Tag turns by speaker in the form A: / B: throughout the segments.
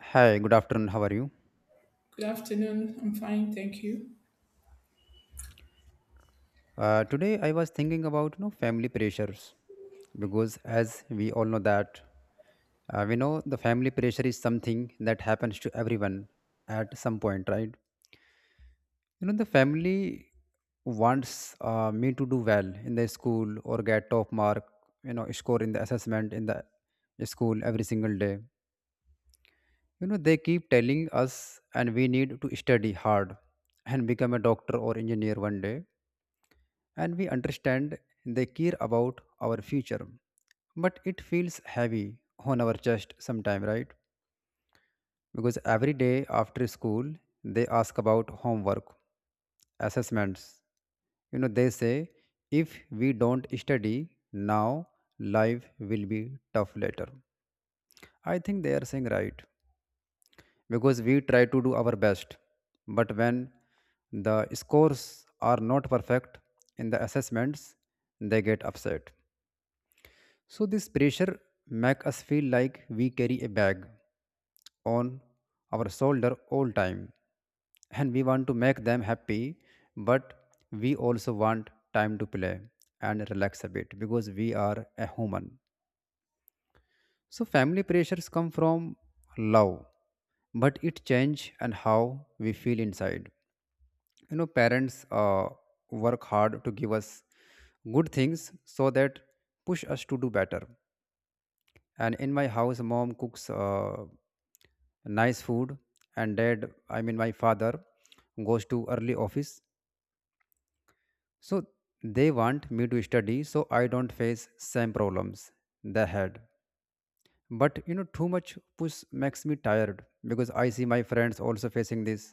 A: Hi, good afternoon. How are you?
B: Good afternoon. I'm fine, thank you.
A: Today I was thinking about family pressures because as we all know that we know the family pressure is something that happens to everyone at some point, right? You know the family wants me to do well in the school or get top mark, you know, score in the assessment in the school every single day. You know they keep telling us and we need to study hard and become a doctor or engineer one day, and we understand they care about our future. But it feels heavy on our chest sometime, right? Because every day after school, they ask about homework, assessments. You know, they say, if we don't study now, life will be tough later. I think they are saying right because we try to do our best. But when the scores are not perfect in the assessments, they get upset. So this pressure makes us feel like we carry a bag on our shoulder all time, and we want to make them happy, but we also want time to play and relax a bit because we are a human. So family pressures come from love, but it change and how we feel inside. You know parents work hard to give us good things so that push us to do better. And in my house, mom cooks nice food, and dad I mean my father goes to early office, so they want me to study so I don't face same problems they had. But you know too much push makes me tired because I see my friends also facing this.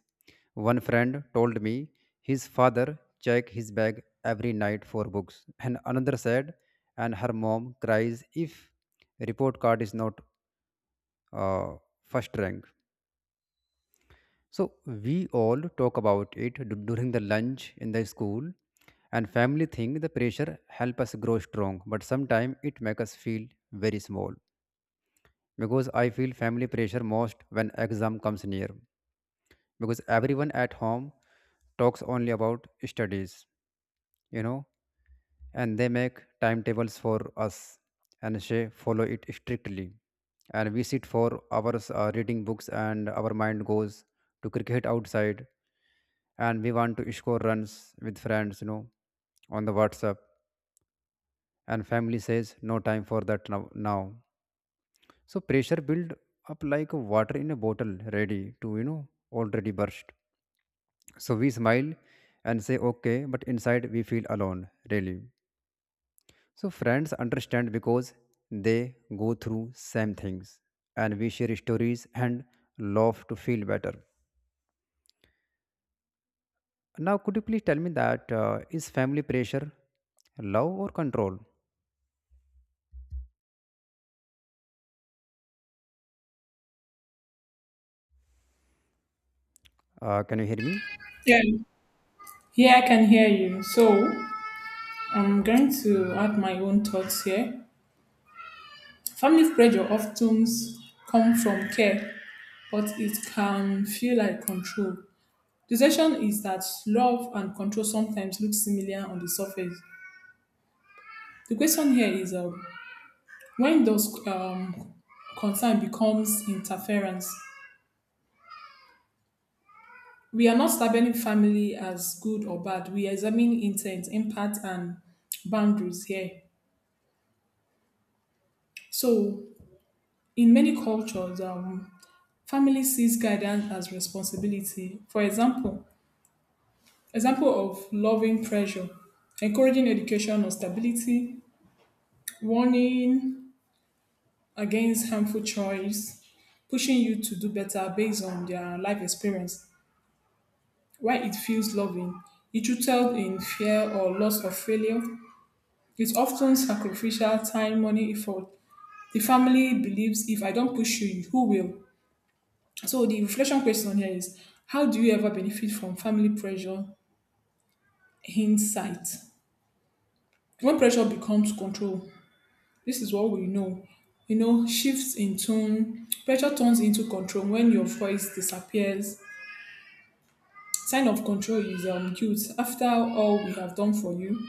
A: One friend told me his father check his bag every night for books, and another said, and her mom cries if report card is not uh, first rank. So we all talk about it during the lunch in the school, and family think the pressure help us grow strong, but sometimes it make us feel very small because I feel family pressure most when exam comes near, because everyone at home talks only about studies, you know, and they make timetables for us, and she follow it strictly, and we sit for hours reading books, and our mind goes to cricket outside, and we want to score runs with friends, you know, on the WhatsApp, and family says no time for that now. So pressure build up like water in a bottle ready to, you know, already burst. So we smile and say okay, but inside we feel alone really. So friends understand because they go through same things, and we share stories and love to feel better. Now could you please tell me that is family pressure love or control? Can you hear me?
B: Yeah, yeah, I can hear you. So I'm going to add my own thoughts here. Family pressure often comes from care, but it can feel like control. The session is that love and control sometimes look similar on the surface. The question here is when does concern becomes interference? We are not labeling family as good or bad. We examine intent, impact, and boundaries here. So, in many cultures, family sees guidance as responsibility. For example of loving pressure, encouraging education or stability, warning against harmful choice, pushing you to do better based on their life experience. Why it feels loving, it rooted in fear or loss of failure. It's often sacrificial time, money, effort. The family believes if I don't push you, who will? So the reflection question here is how do you ever benefit from family pressure hindsight? When pressure becomes control, this is what we know. You know, shifts in tone, pressure turns into control when your voice disappears. Sign of control is guilt. After all we have done for you,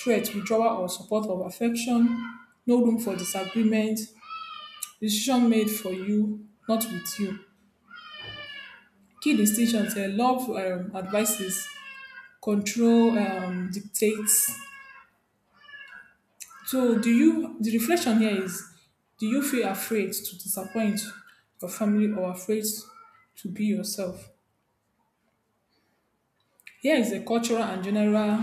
B: threat, withdrawal, or support of affection, no room for disagreement, decision made for you, not with you. Key distinctions here love advices control dictates. So, the reflection here is do you feel afraid to disappoint your family or afraid to be yourself? Here is the cultural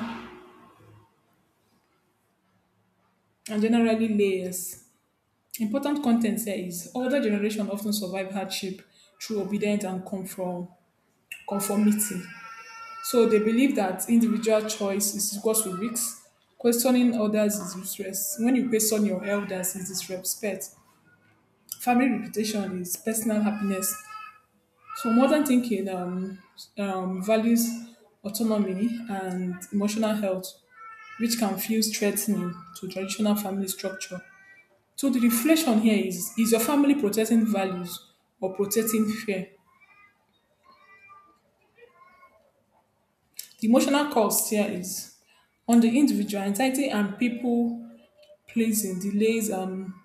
B: and generally layers. Important content here is older generation often survive hardship through obedience and conformity. So they believe that individual choice is equal to risks. Questioning others is useless. When you question your elders is disrespect. Family reputation is personal happiness. So modern thinking values autonomy and emotional health, which can feel threatening to traditional family structure. So the reflection here is your family protecting values or protecting fear? The emotional cost here is on the individual pleasing delays um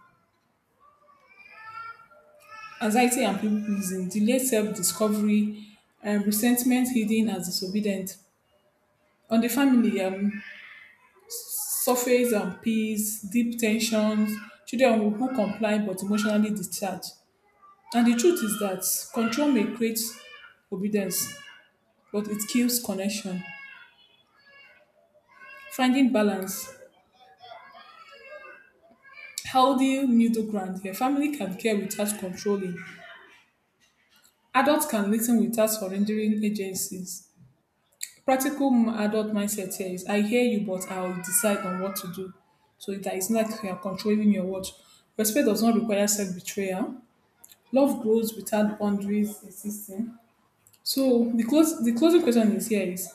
B: anxiety and people pleasing delays self discovery and resentment hidden as disobedient on the family surface peace, deep tensions, children who comply but emotionally discharged. And the truth is that control may create obedience, but it kills connection. Finding balance, healthy middle ground here. Family can care without controlling. Adults can listen without surrendering agencies. Practical adult mindset here is I hear you, but I'll decide on what to do. So that it's not like you're controlling your words. Respect does not require self betrayal. Love grows without boundaries existing. So the closing question is here is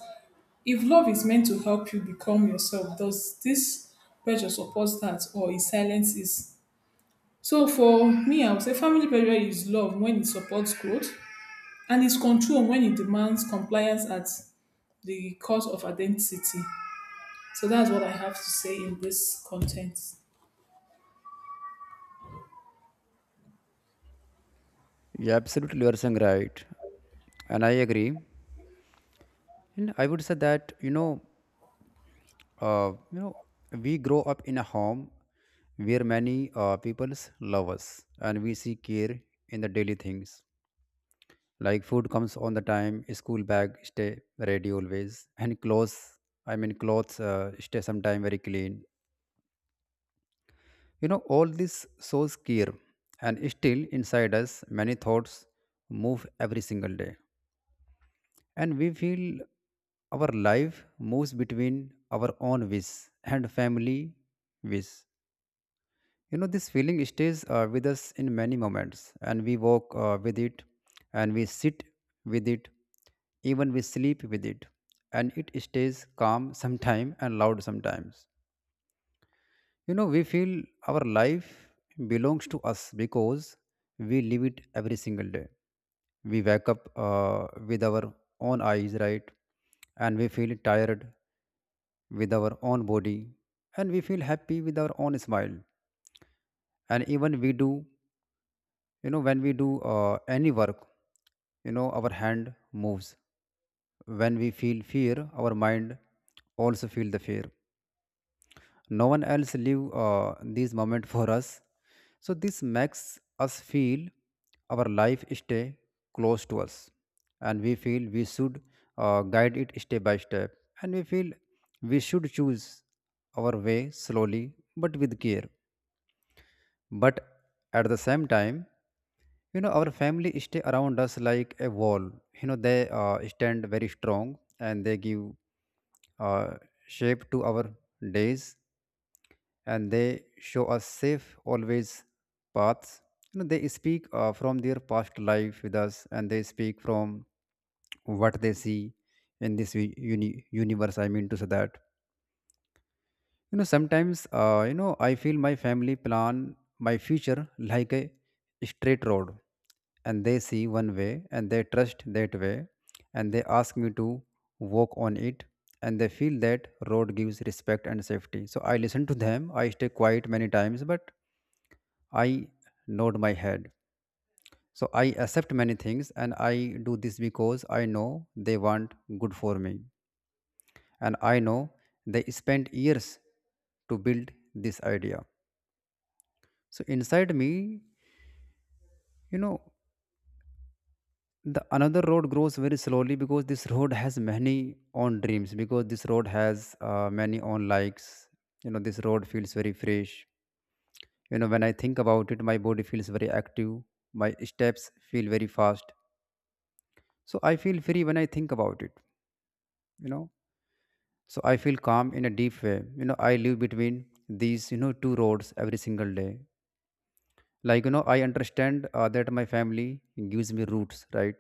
B: if love is meant to help you become yourself, does this pressure support that or it silences? So for me, I would say family pressure is love when it supports growth and it's control when it demands compliance at the cost of identity. So that's what I have to say in this content.
A: Yeah, absolutely you are saying right. And I agree. And I would say that uh, you know we grow up in a home where many peoples love us, and we see care in the daily things, like food comes on the time, school bag stay ready always, and clothes I mean clothes stay sometime very clean. You know all this shows care, and still inside us many thoughts move every single day, and we feel our life moves between our own wish and family wish. You know, this feeling stays with us in many moments, and we walk with it, and we sit with it, even we sleep with it, and it stays calm sometimes and loud sometimes. You know, we feel our life belongs to us because we live it every single day. We wake up with our own eyes, right? And we feel tired with our own body, and we feel happy with our own smile, and even we do, you know, when we do any work, you know, our hand moves. When we feel fear, our mind also feel the fear. No one else leave this moment for us. So this makes us feel our life stay close to us, and we feel we should guide it step by step, and we feel we should choose our way slowly but with care. But at the same time, you know, our family stay around us like a wall. You know, they stand very strong, and they give uh, shape to our days, and they show us safe always paths. You know, they speak from their past life with us, and they speak from what they see in this universe. To say that, you know, sometimes, I feel my family plan my future like a straight road, and they see one way and they trust that way, and they ask me to walk on it, and they feel that road gives respect and safety. So I listen to them. I stay quiet many times, but I nod my head. So I accept many things, and I do this because I know they want good for me, and I know they spent years to build this idea. So inside me, you know, the another road grows very slowly because this road has many own dreams, because this road has many own likes. You know, this road feels very fresh. You know, when I think about it, my body feels very active. My steps feel very fast. So I feel free when I think about it. You know, so I feel calm in a deep way. You know, I live between these, you know, two roads every single day. Like, you know, I understand that my family gives me roots, right,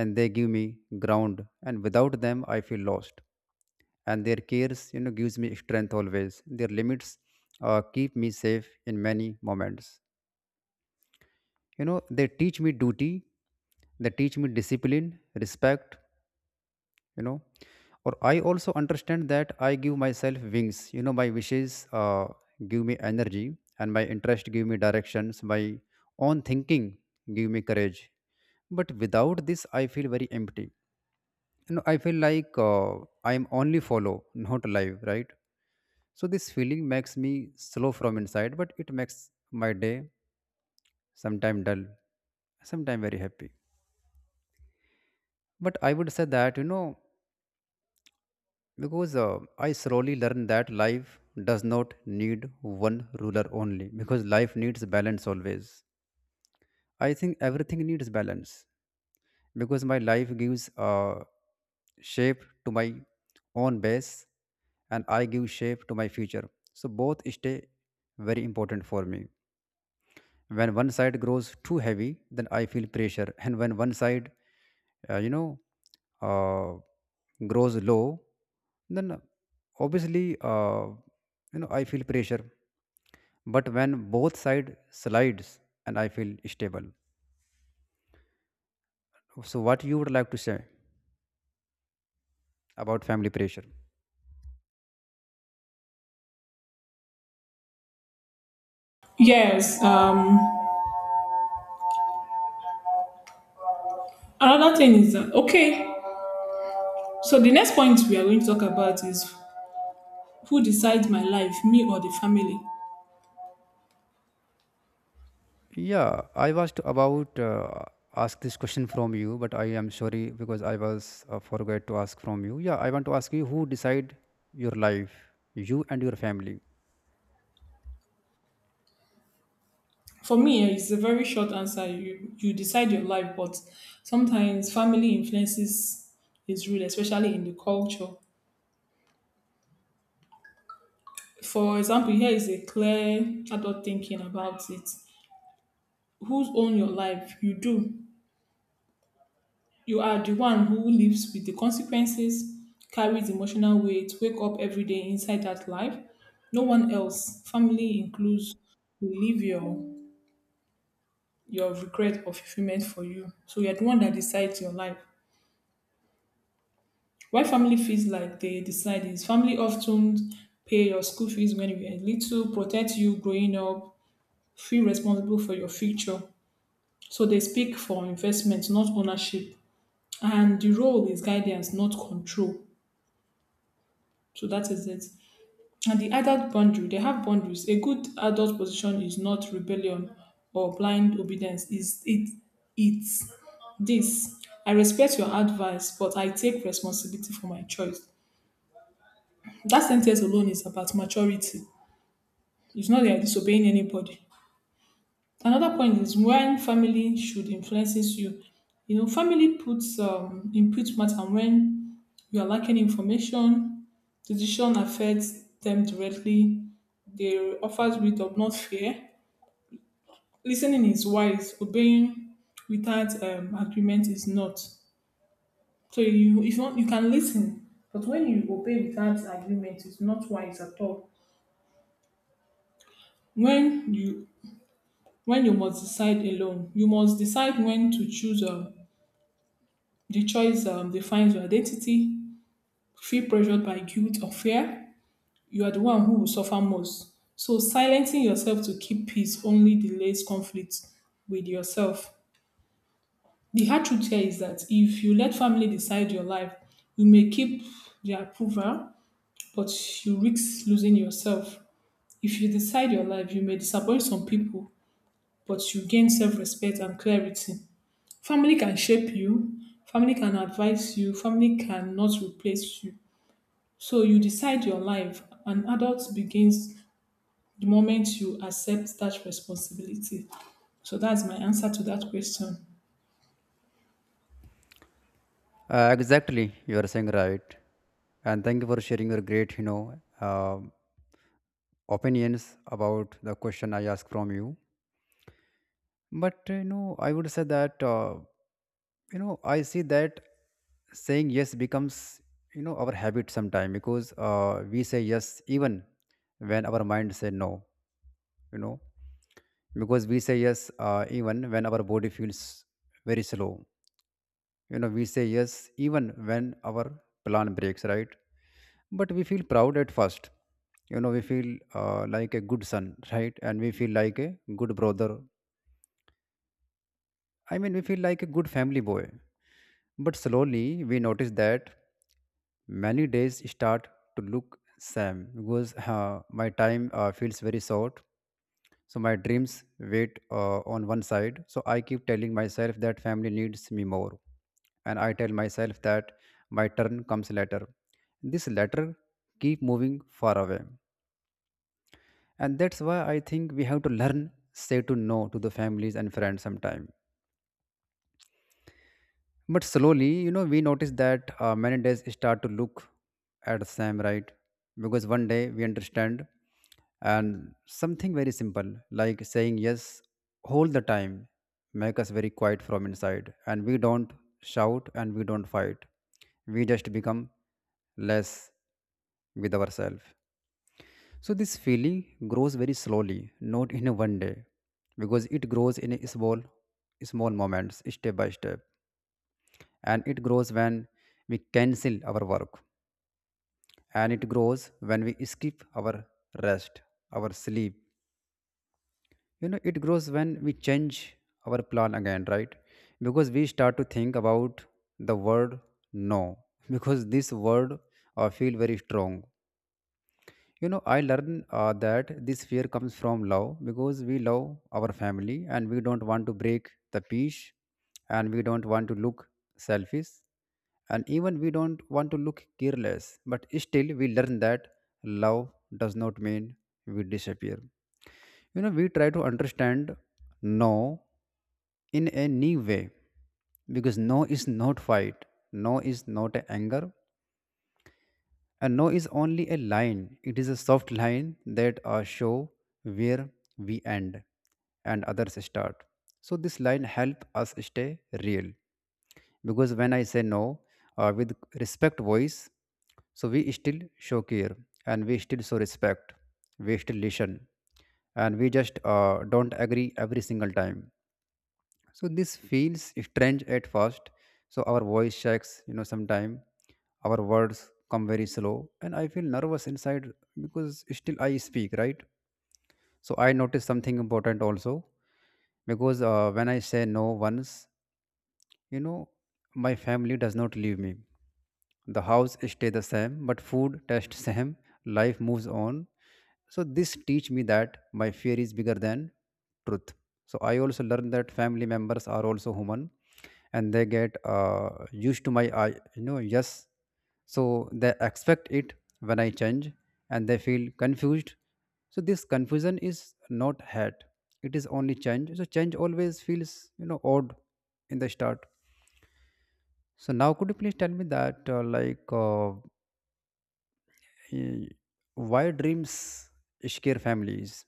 A: and they give me ground, and without them I feel lost. And their cares, you know, gives me strength always. Their limits keep me safe in many moments. You know, they teach me duty, they teach me discipline, respect, you know. Or I also understand that I give myself wings. You know, my wishes give me energy, and my interest give me directions. My own thinking give me courage, but without this I feel very empty. You know, I feel like I am only follow, not alive, right? So this feeling makes me slow from inside, but it makes my day sometime dull, sometime very happy. But I would say that, you know, because I slowly learned that life does not need one ruler only, because life needs balance always. I think everything needs balance because my life gives shape to my own base, and I give shape to my future. So both stay very important for me. When one side grows too heavy, then I feel pressure, and when one side uh, you know uh, grows low, then obviously, I feel pressure. But when both side slides, and I feel stable, so what you would like to say about family pressure?
B: Yes. Another thing is that okay. So the next point we are going to talk about is: Who decides my life, me or the family?
A: Yeah, I was to about ask this question from you, but I am sorry because I was forgot to ask from you. Yeah, I want to ask you, who decide your life, you and your family.
B: For me, it's a very short answer. You decide your life, but sometimes family influences is real, especially in the culture. For example, here is a clear adult thinking about it. Who's own your life? You do. You are the one who lives with the consequences, carries emotional weight, wake up every day inside that life. No one else. Family includes. You live your regret or fulfillment for you. So you're the one that decides your life. Why family feels like they decide is family often pay your school fees when you were little, protect you growing up, feel responsible for your future. So they speak for investment, not ownership. And the role is guidance, not control. So that is it. And the adult boundary, they have boundaries. A good adult position is not rebellion or blind obedience. Is it it's this. I respect your advice, but I take responsibility for my choice. That sentence alone is about maturity. It's not that you're disobeying anybody. Another point is when family should influences you. You know, family puts input matter when you are lacking information. Decision affects them directly. They offers wisdom, not fear. Listening is wise. Obeying without agreement is not. So if you, want, you can listen, but when you obey without agreement, it's not wise at all. When you when you must decide alone, you must decide when to choose the choice defines your identity. Feel pressured by guilt or fear. You are the one who will suffer most. So, silencing yourself to keep peace only delays conflict with yourself. The hard truth here is that if you let family decide your life, you may keep their approval, but you risk losing yourself. If you decide your life, you may disappoint some people, but you gain self respect and clarity. Family can shape you, family can advise you, family cannot replace you. So you decide your life. An adult begins the moment you accept that responsibility. So that's my answer to that question.
A: Exactly, you are saying right, and thank you for sharing your great, you know, um, opinions about the question I asked from you. But you know, I would say that. You know I see that saying yes becomes, you know, our habit sometime, because we say yes even when our mind say no, you know. Because we say yes even when our body feels very slow. You know, we say yes even when our plan breaks, right? But we feel proud at first. You know, we feel like a good son, right, and we feel like a good brother. We feel like a good family boy. But slowly we notice that many days start to look same because my time feels very short. So my dreams wait on one side. So I keep telling myself that family needs me more, and I tell myself that my turn comes later. This letter keep moving far away, and that's why I think we have to learn say to no to the families and friends sometime. But slowly, you know, we notice that many days start to look at the same, right? Because one day we understand and something very simple, like saying yes all the time, make us very quiet from inside. And we don't shout and we don't fight. We just become less with ourselves. So this feeling grows very slowly, not in a one day, because it grows in a small, small moments, step by step, and it grows when we cancel our work, and it grows when we skip our rest, our sleep. You know, it grows when we change our plan again, right? Because we start to think about the word no. Because this word feel very strong. You know, I learned that this fear comes from love because we love our family, and we don't want to break the peace, and we don't want to look selfish, and even we don't want to look careless. But still we learn that love does not mean we disappear. You know, we try to understand no in a new way, because no is not fight, no is not anger. A no is only a line. It is a soft line that show where we end and others start. So this line help us stay real, because when I say no with respect voice, so we still show care, and we still show respect, we still listen, and we just don't agree every single time. So this feels strange at first. So our voice shakes, you know, sometime our words come very slow, and I feel nervous inside, because still I speak, right? So I notice something important also, because when I say no once, you know, my family does not leave me. The house stay the same, but food taste same, life moves on. So this teach me that my fear is bigger than truth. So I also learned that family members are also human, and they get used to my I, you know, yes, so they expect it. When I change, and they feel confused. So this confusion is not hate, it is only change. So change always feels, you know, odd in the start. So now could you please tell me that Y- Why dreams scare families?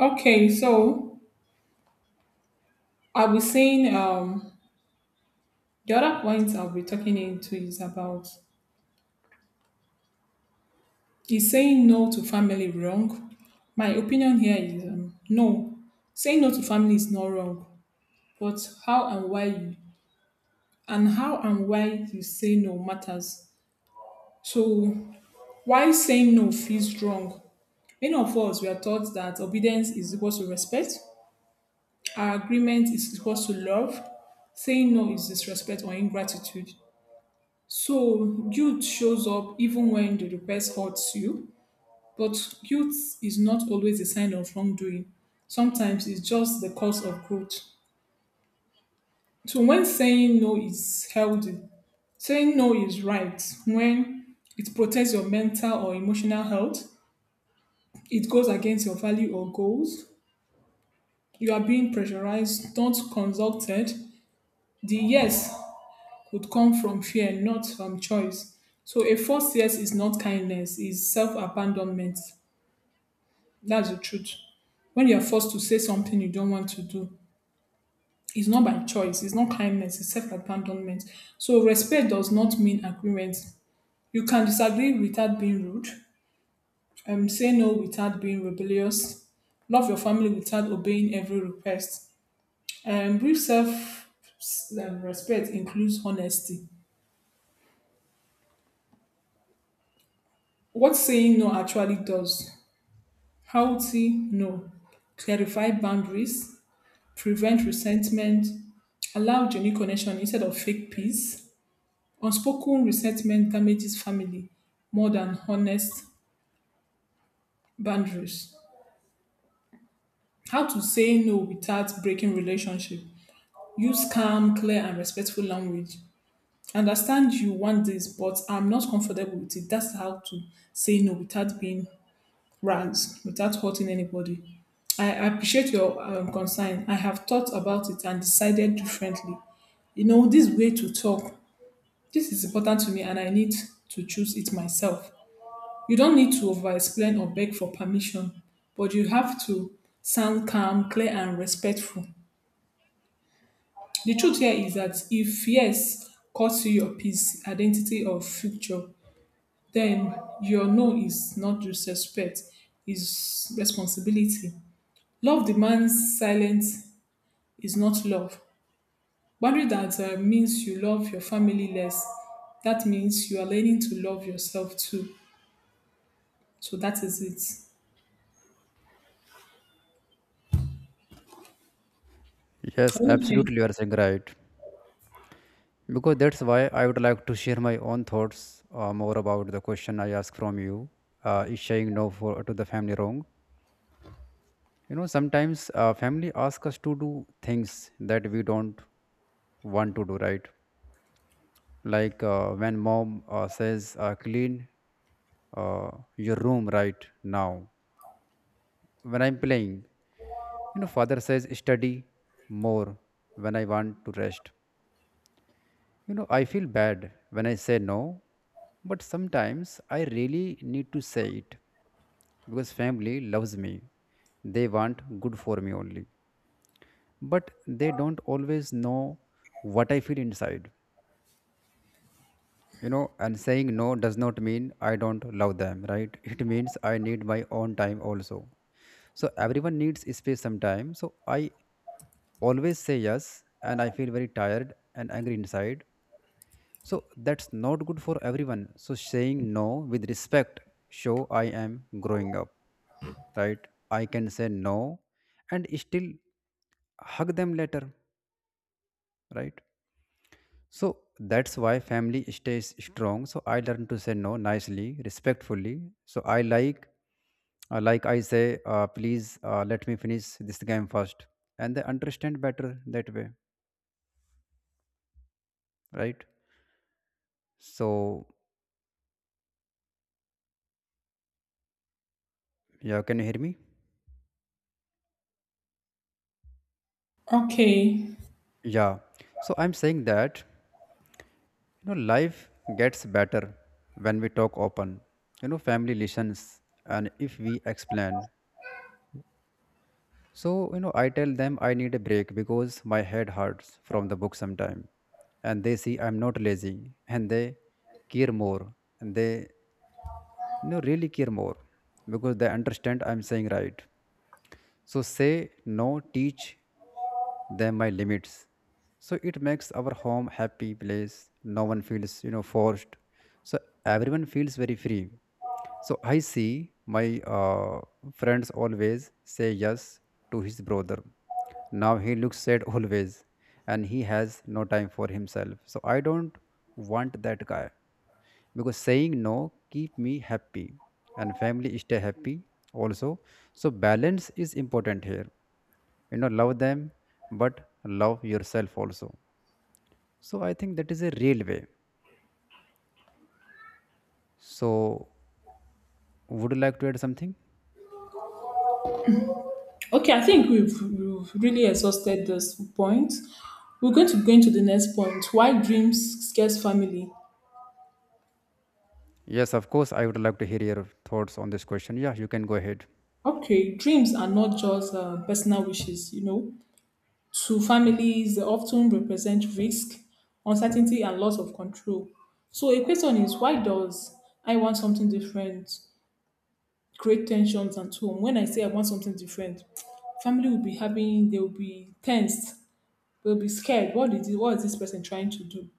B: Okay, so I'll be saying the other point I'll be talking into is about: is saying no to family wrong? My opinion here is no. Saying no to family is not wrong, but how and why you how and why you say no matters. So why saying no feels wrong. Many of us were taught that obedience is equal to respect, our agreement is equal to love, saying no is disrespect or ingratitude. So guilt shows up even when the request hurts you, but guilt is not always a sign of wrongdoing. Sometimes it's just the cause of growth. So when saying no is healthy, saying no is right when it protects your mental or emotional health, it goes against your value or goals, you are being pressurized, not consulted. The yes could come from fear, not from choice. So a forced yes is not kindness, is self-abandonment. That's the truth. When you're forced to say something you don't want to do, it's not by choice, it's not kindness, it's self-abandonment. So respect does not mean agreement. You can disagree without being rude, say no without being rebellious, love your family without obeying every request. Brief self respect includes honesty. What saying no actually does, how to no, clarify boundaries, prevent resentment, allow genuine connection instead of fake peace. Unspoken resentment damages family more than honest boundaries. How to say no without breaking relationship. Use calm, clear, and respectful language. Understand you want this, but I'm not comfortable with it. That's how to say no without being rants without hurting anybody. I appreciate your concern. I have thought about it and decided differently. You know, this way to talk, this is important to me and I need to choose it myself. You don't need to over explain or beg for permission, but you have to sound calm, clear, and respectful. The truth here is that if yes costs you your peace, identity, or future, then your no is not disrespect, is responsibility. Love demands silence is not love. Boundary that means you love your family less. That means you are learning to love yourself too. So that is it.
A: Yes,
B: Okay.
A: absolutely, you are saying right. Because that's why I would like to share my own thoughts more about the question I ask from you. Is saying no for to the family wrong? You know, sometimes family ask us to do things that we don't want to do, right? Like when mom says, "Clean uh, your room right now." When I'm playing, you know, father says, "Study more." When I want to rest. You know, I feel bad when I say no, but sometimes I really need to say it because family loves me. They want good for me only, but they don't always know what I feel inside. You know, and saying no does not mean I don't love them, right? It means I need my own time also. So everyone needs space sometimes. So I always say yes, and I feel very tired and angry inside. So that's not good for everyone. So saying no with respect show I am growing up, right? I can say no and still hug them later, right? So that's why family stays strong. So I learn to say no nicely, respectfully. So I like, I say, please let me finish this game first, and they understand better that way, right? So yeah, can you hear me?
B: Okay.
A: Yeah. So I'm saying that. You know, life gets better when we talk open. You know, family listens, and if we explain. So, you know, I tell them I need a break because my head hurts from the book sometime. And they see I'm not lazy, and they care more. And they, you know, really care more, because they understand I'm saying right. So say no, teach them my limits. So it makes our home happy place. No one feels, you know, forced. So everyone feels very free. So I see my friends always say yes to his brother. Now he looks sad always, and he has no time for himself. So I don't want that guy because saying no keep me happy, and family stay happy also. So balance is important here, you know. Love them, but love yourself also. So I think that is a real way. So would you like to add something?
B: Okay, I think we've really exhausted this point. We're going to go into the next point. Why dreams scares family?
A: Yes, of course, I would like to hear your thoughts on this question. Yeah, you can go ahead.
B: Okay, dreams are not just personal wishes. To families, they often represent risk, uncertainty, and loss of control. So a question is, why does I want something different create tensions at home? When I say I want something different, family will be having, they will be tensed, they'll be scared. What is it, what is this person trying to do?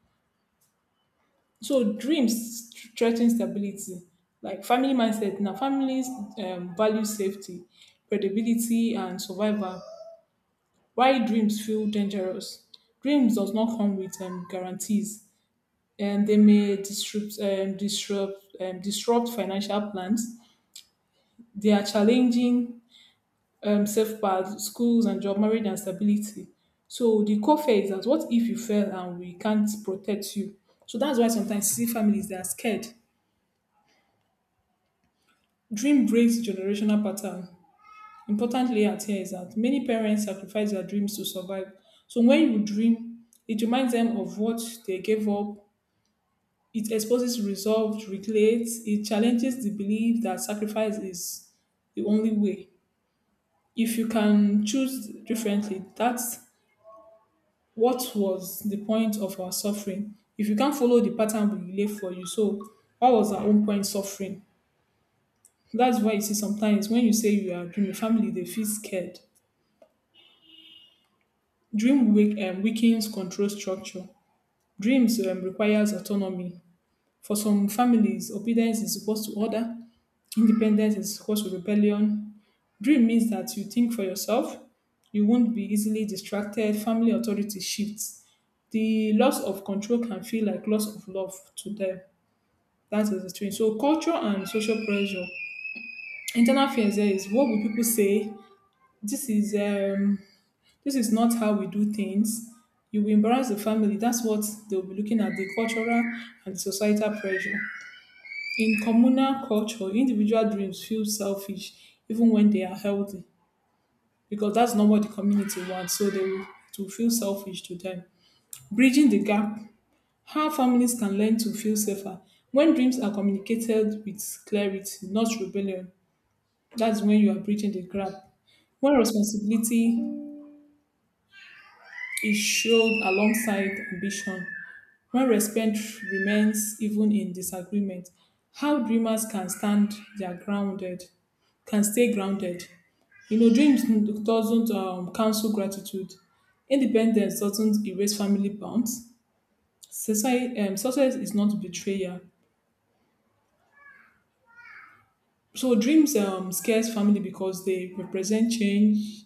B: So dreams threaten stability, like family mindset. Now families value safety, credibility, and survival. Why dreams feel dangerous? Dreams does not come with guarantees, and they may disrupt financial plans. They are challenging safe paths, schools and job, marriage and stability. So the core fear is that what if you fail and we can't protect you? So that's why sometimes you see families they are scared. Dream breaks generational pattern. Important layout here is that many parents sacrifice their dreams to survive. So when you dream, it reminds them of what they gave up. It exposes resolve to recreate. It challenges the belief that sacrifice is the only way. If you can choose differently, that's what was the point of our suffering. If you can't follow the pattern we lay for you, so what was our own point suffering? That's why you see sometimes when you say you are dreaming, family they feel scared. Dream weakens control structure. Dreams requires autonomy. For some families, obedience is supposed to order, independence is supposed to rebellion. Dream means that you think for yourself, you won't be easily distracted, family authority shifts. The loss of control can feel like loss of love to them. That is the thing. So culture and social pressure. Internal fears there is what will people say? This is um this is not how we do things. You will embarrass the family. That's what they'll be looking at, the cultural and societal pressure. In communal culture, individual dreams feel selfish even when they are healthy. Because that's not what the community wants. So they will to feel selfish to them. Bridging the gap, how families can learn to feel safer. When dreams are communicated with clarity, not rebellion, that's when you are bridging the gap. When responsibility is showed alongside ambition, when respect remains even in disagreement, how dreamers their grounded, can stay grounded. You know, dreams doesn't cancel gratitude. Independence doesn't erase family bonds. Society, success is not betrayal. So dreams scares family because they represent change.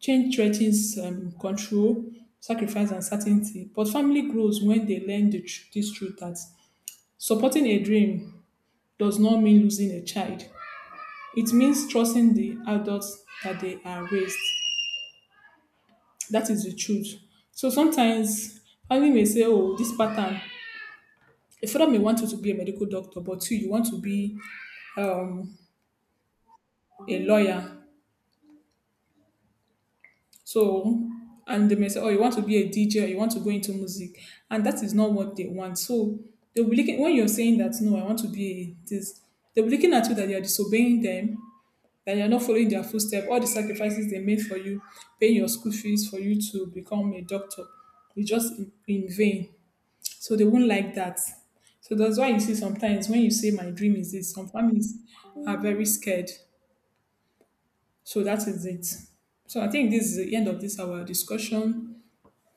B: Change threatens control, sacrifice, and certainty. But family grows when they learn this truth that supporting a dream does not mean losing a child. It means trusting the adults that they are raised. That is the truth. So sometimes family may say, "Oh, this pattern." A father may want you to be a medical doctor, but you want to be um, a lawyer. So, and they may say, "Oh, you want to be a DJ, or you want to go into music," and that is not what they want. So they'll be looking when you're saying that, "No, I want to be a this." They'll be looking at you that you are disobeying them that you're not following their footsteps, all the sacrifices they made for you, paying your school fees for you to become a doctor, it's just in vain. So they won't like that. So that's why you see sometimes when you say my dream is this, some families are very scared. So that is it. So I think this is the end of this our discussion.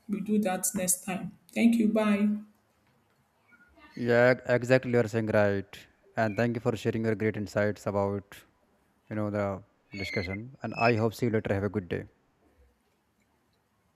B: We do that next time. Thank you. Bye.
A: Yeah, exactly, you are saying right. And thank you for sharing your great insights about, you know, the discussion, and I hope see you later. Have a good day.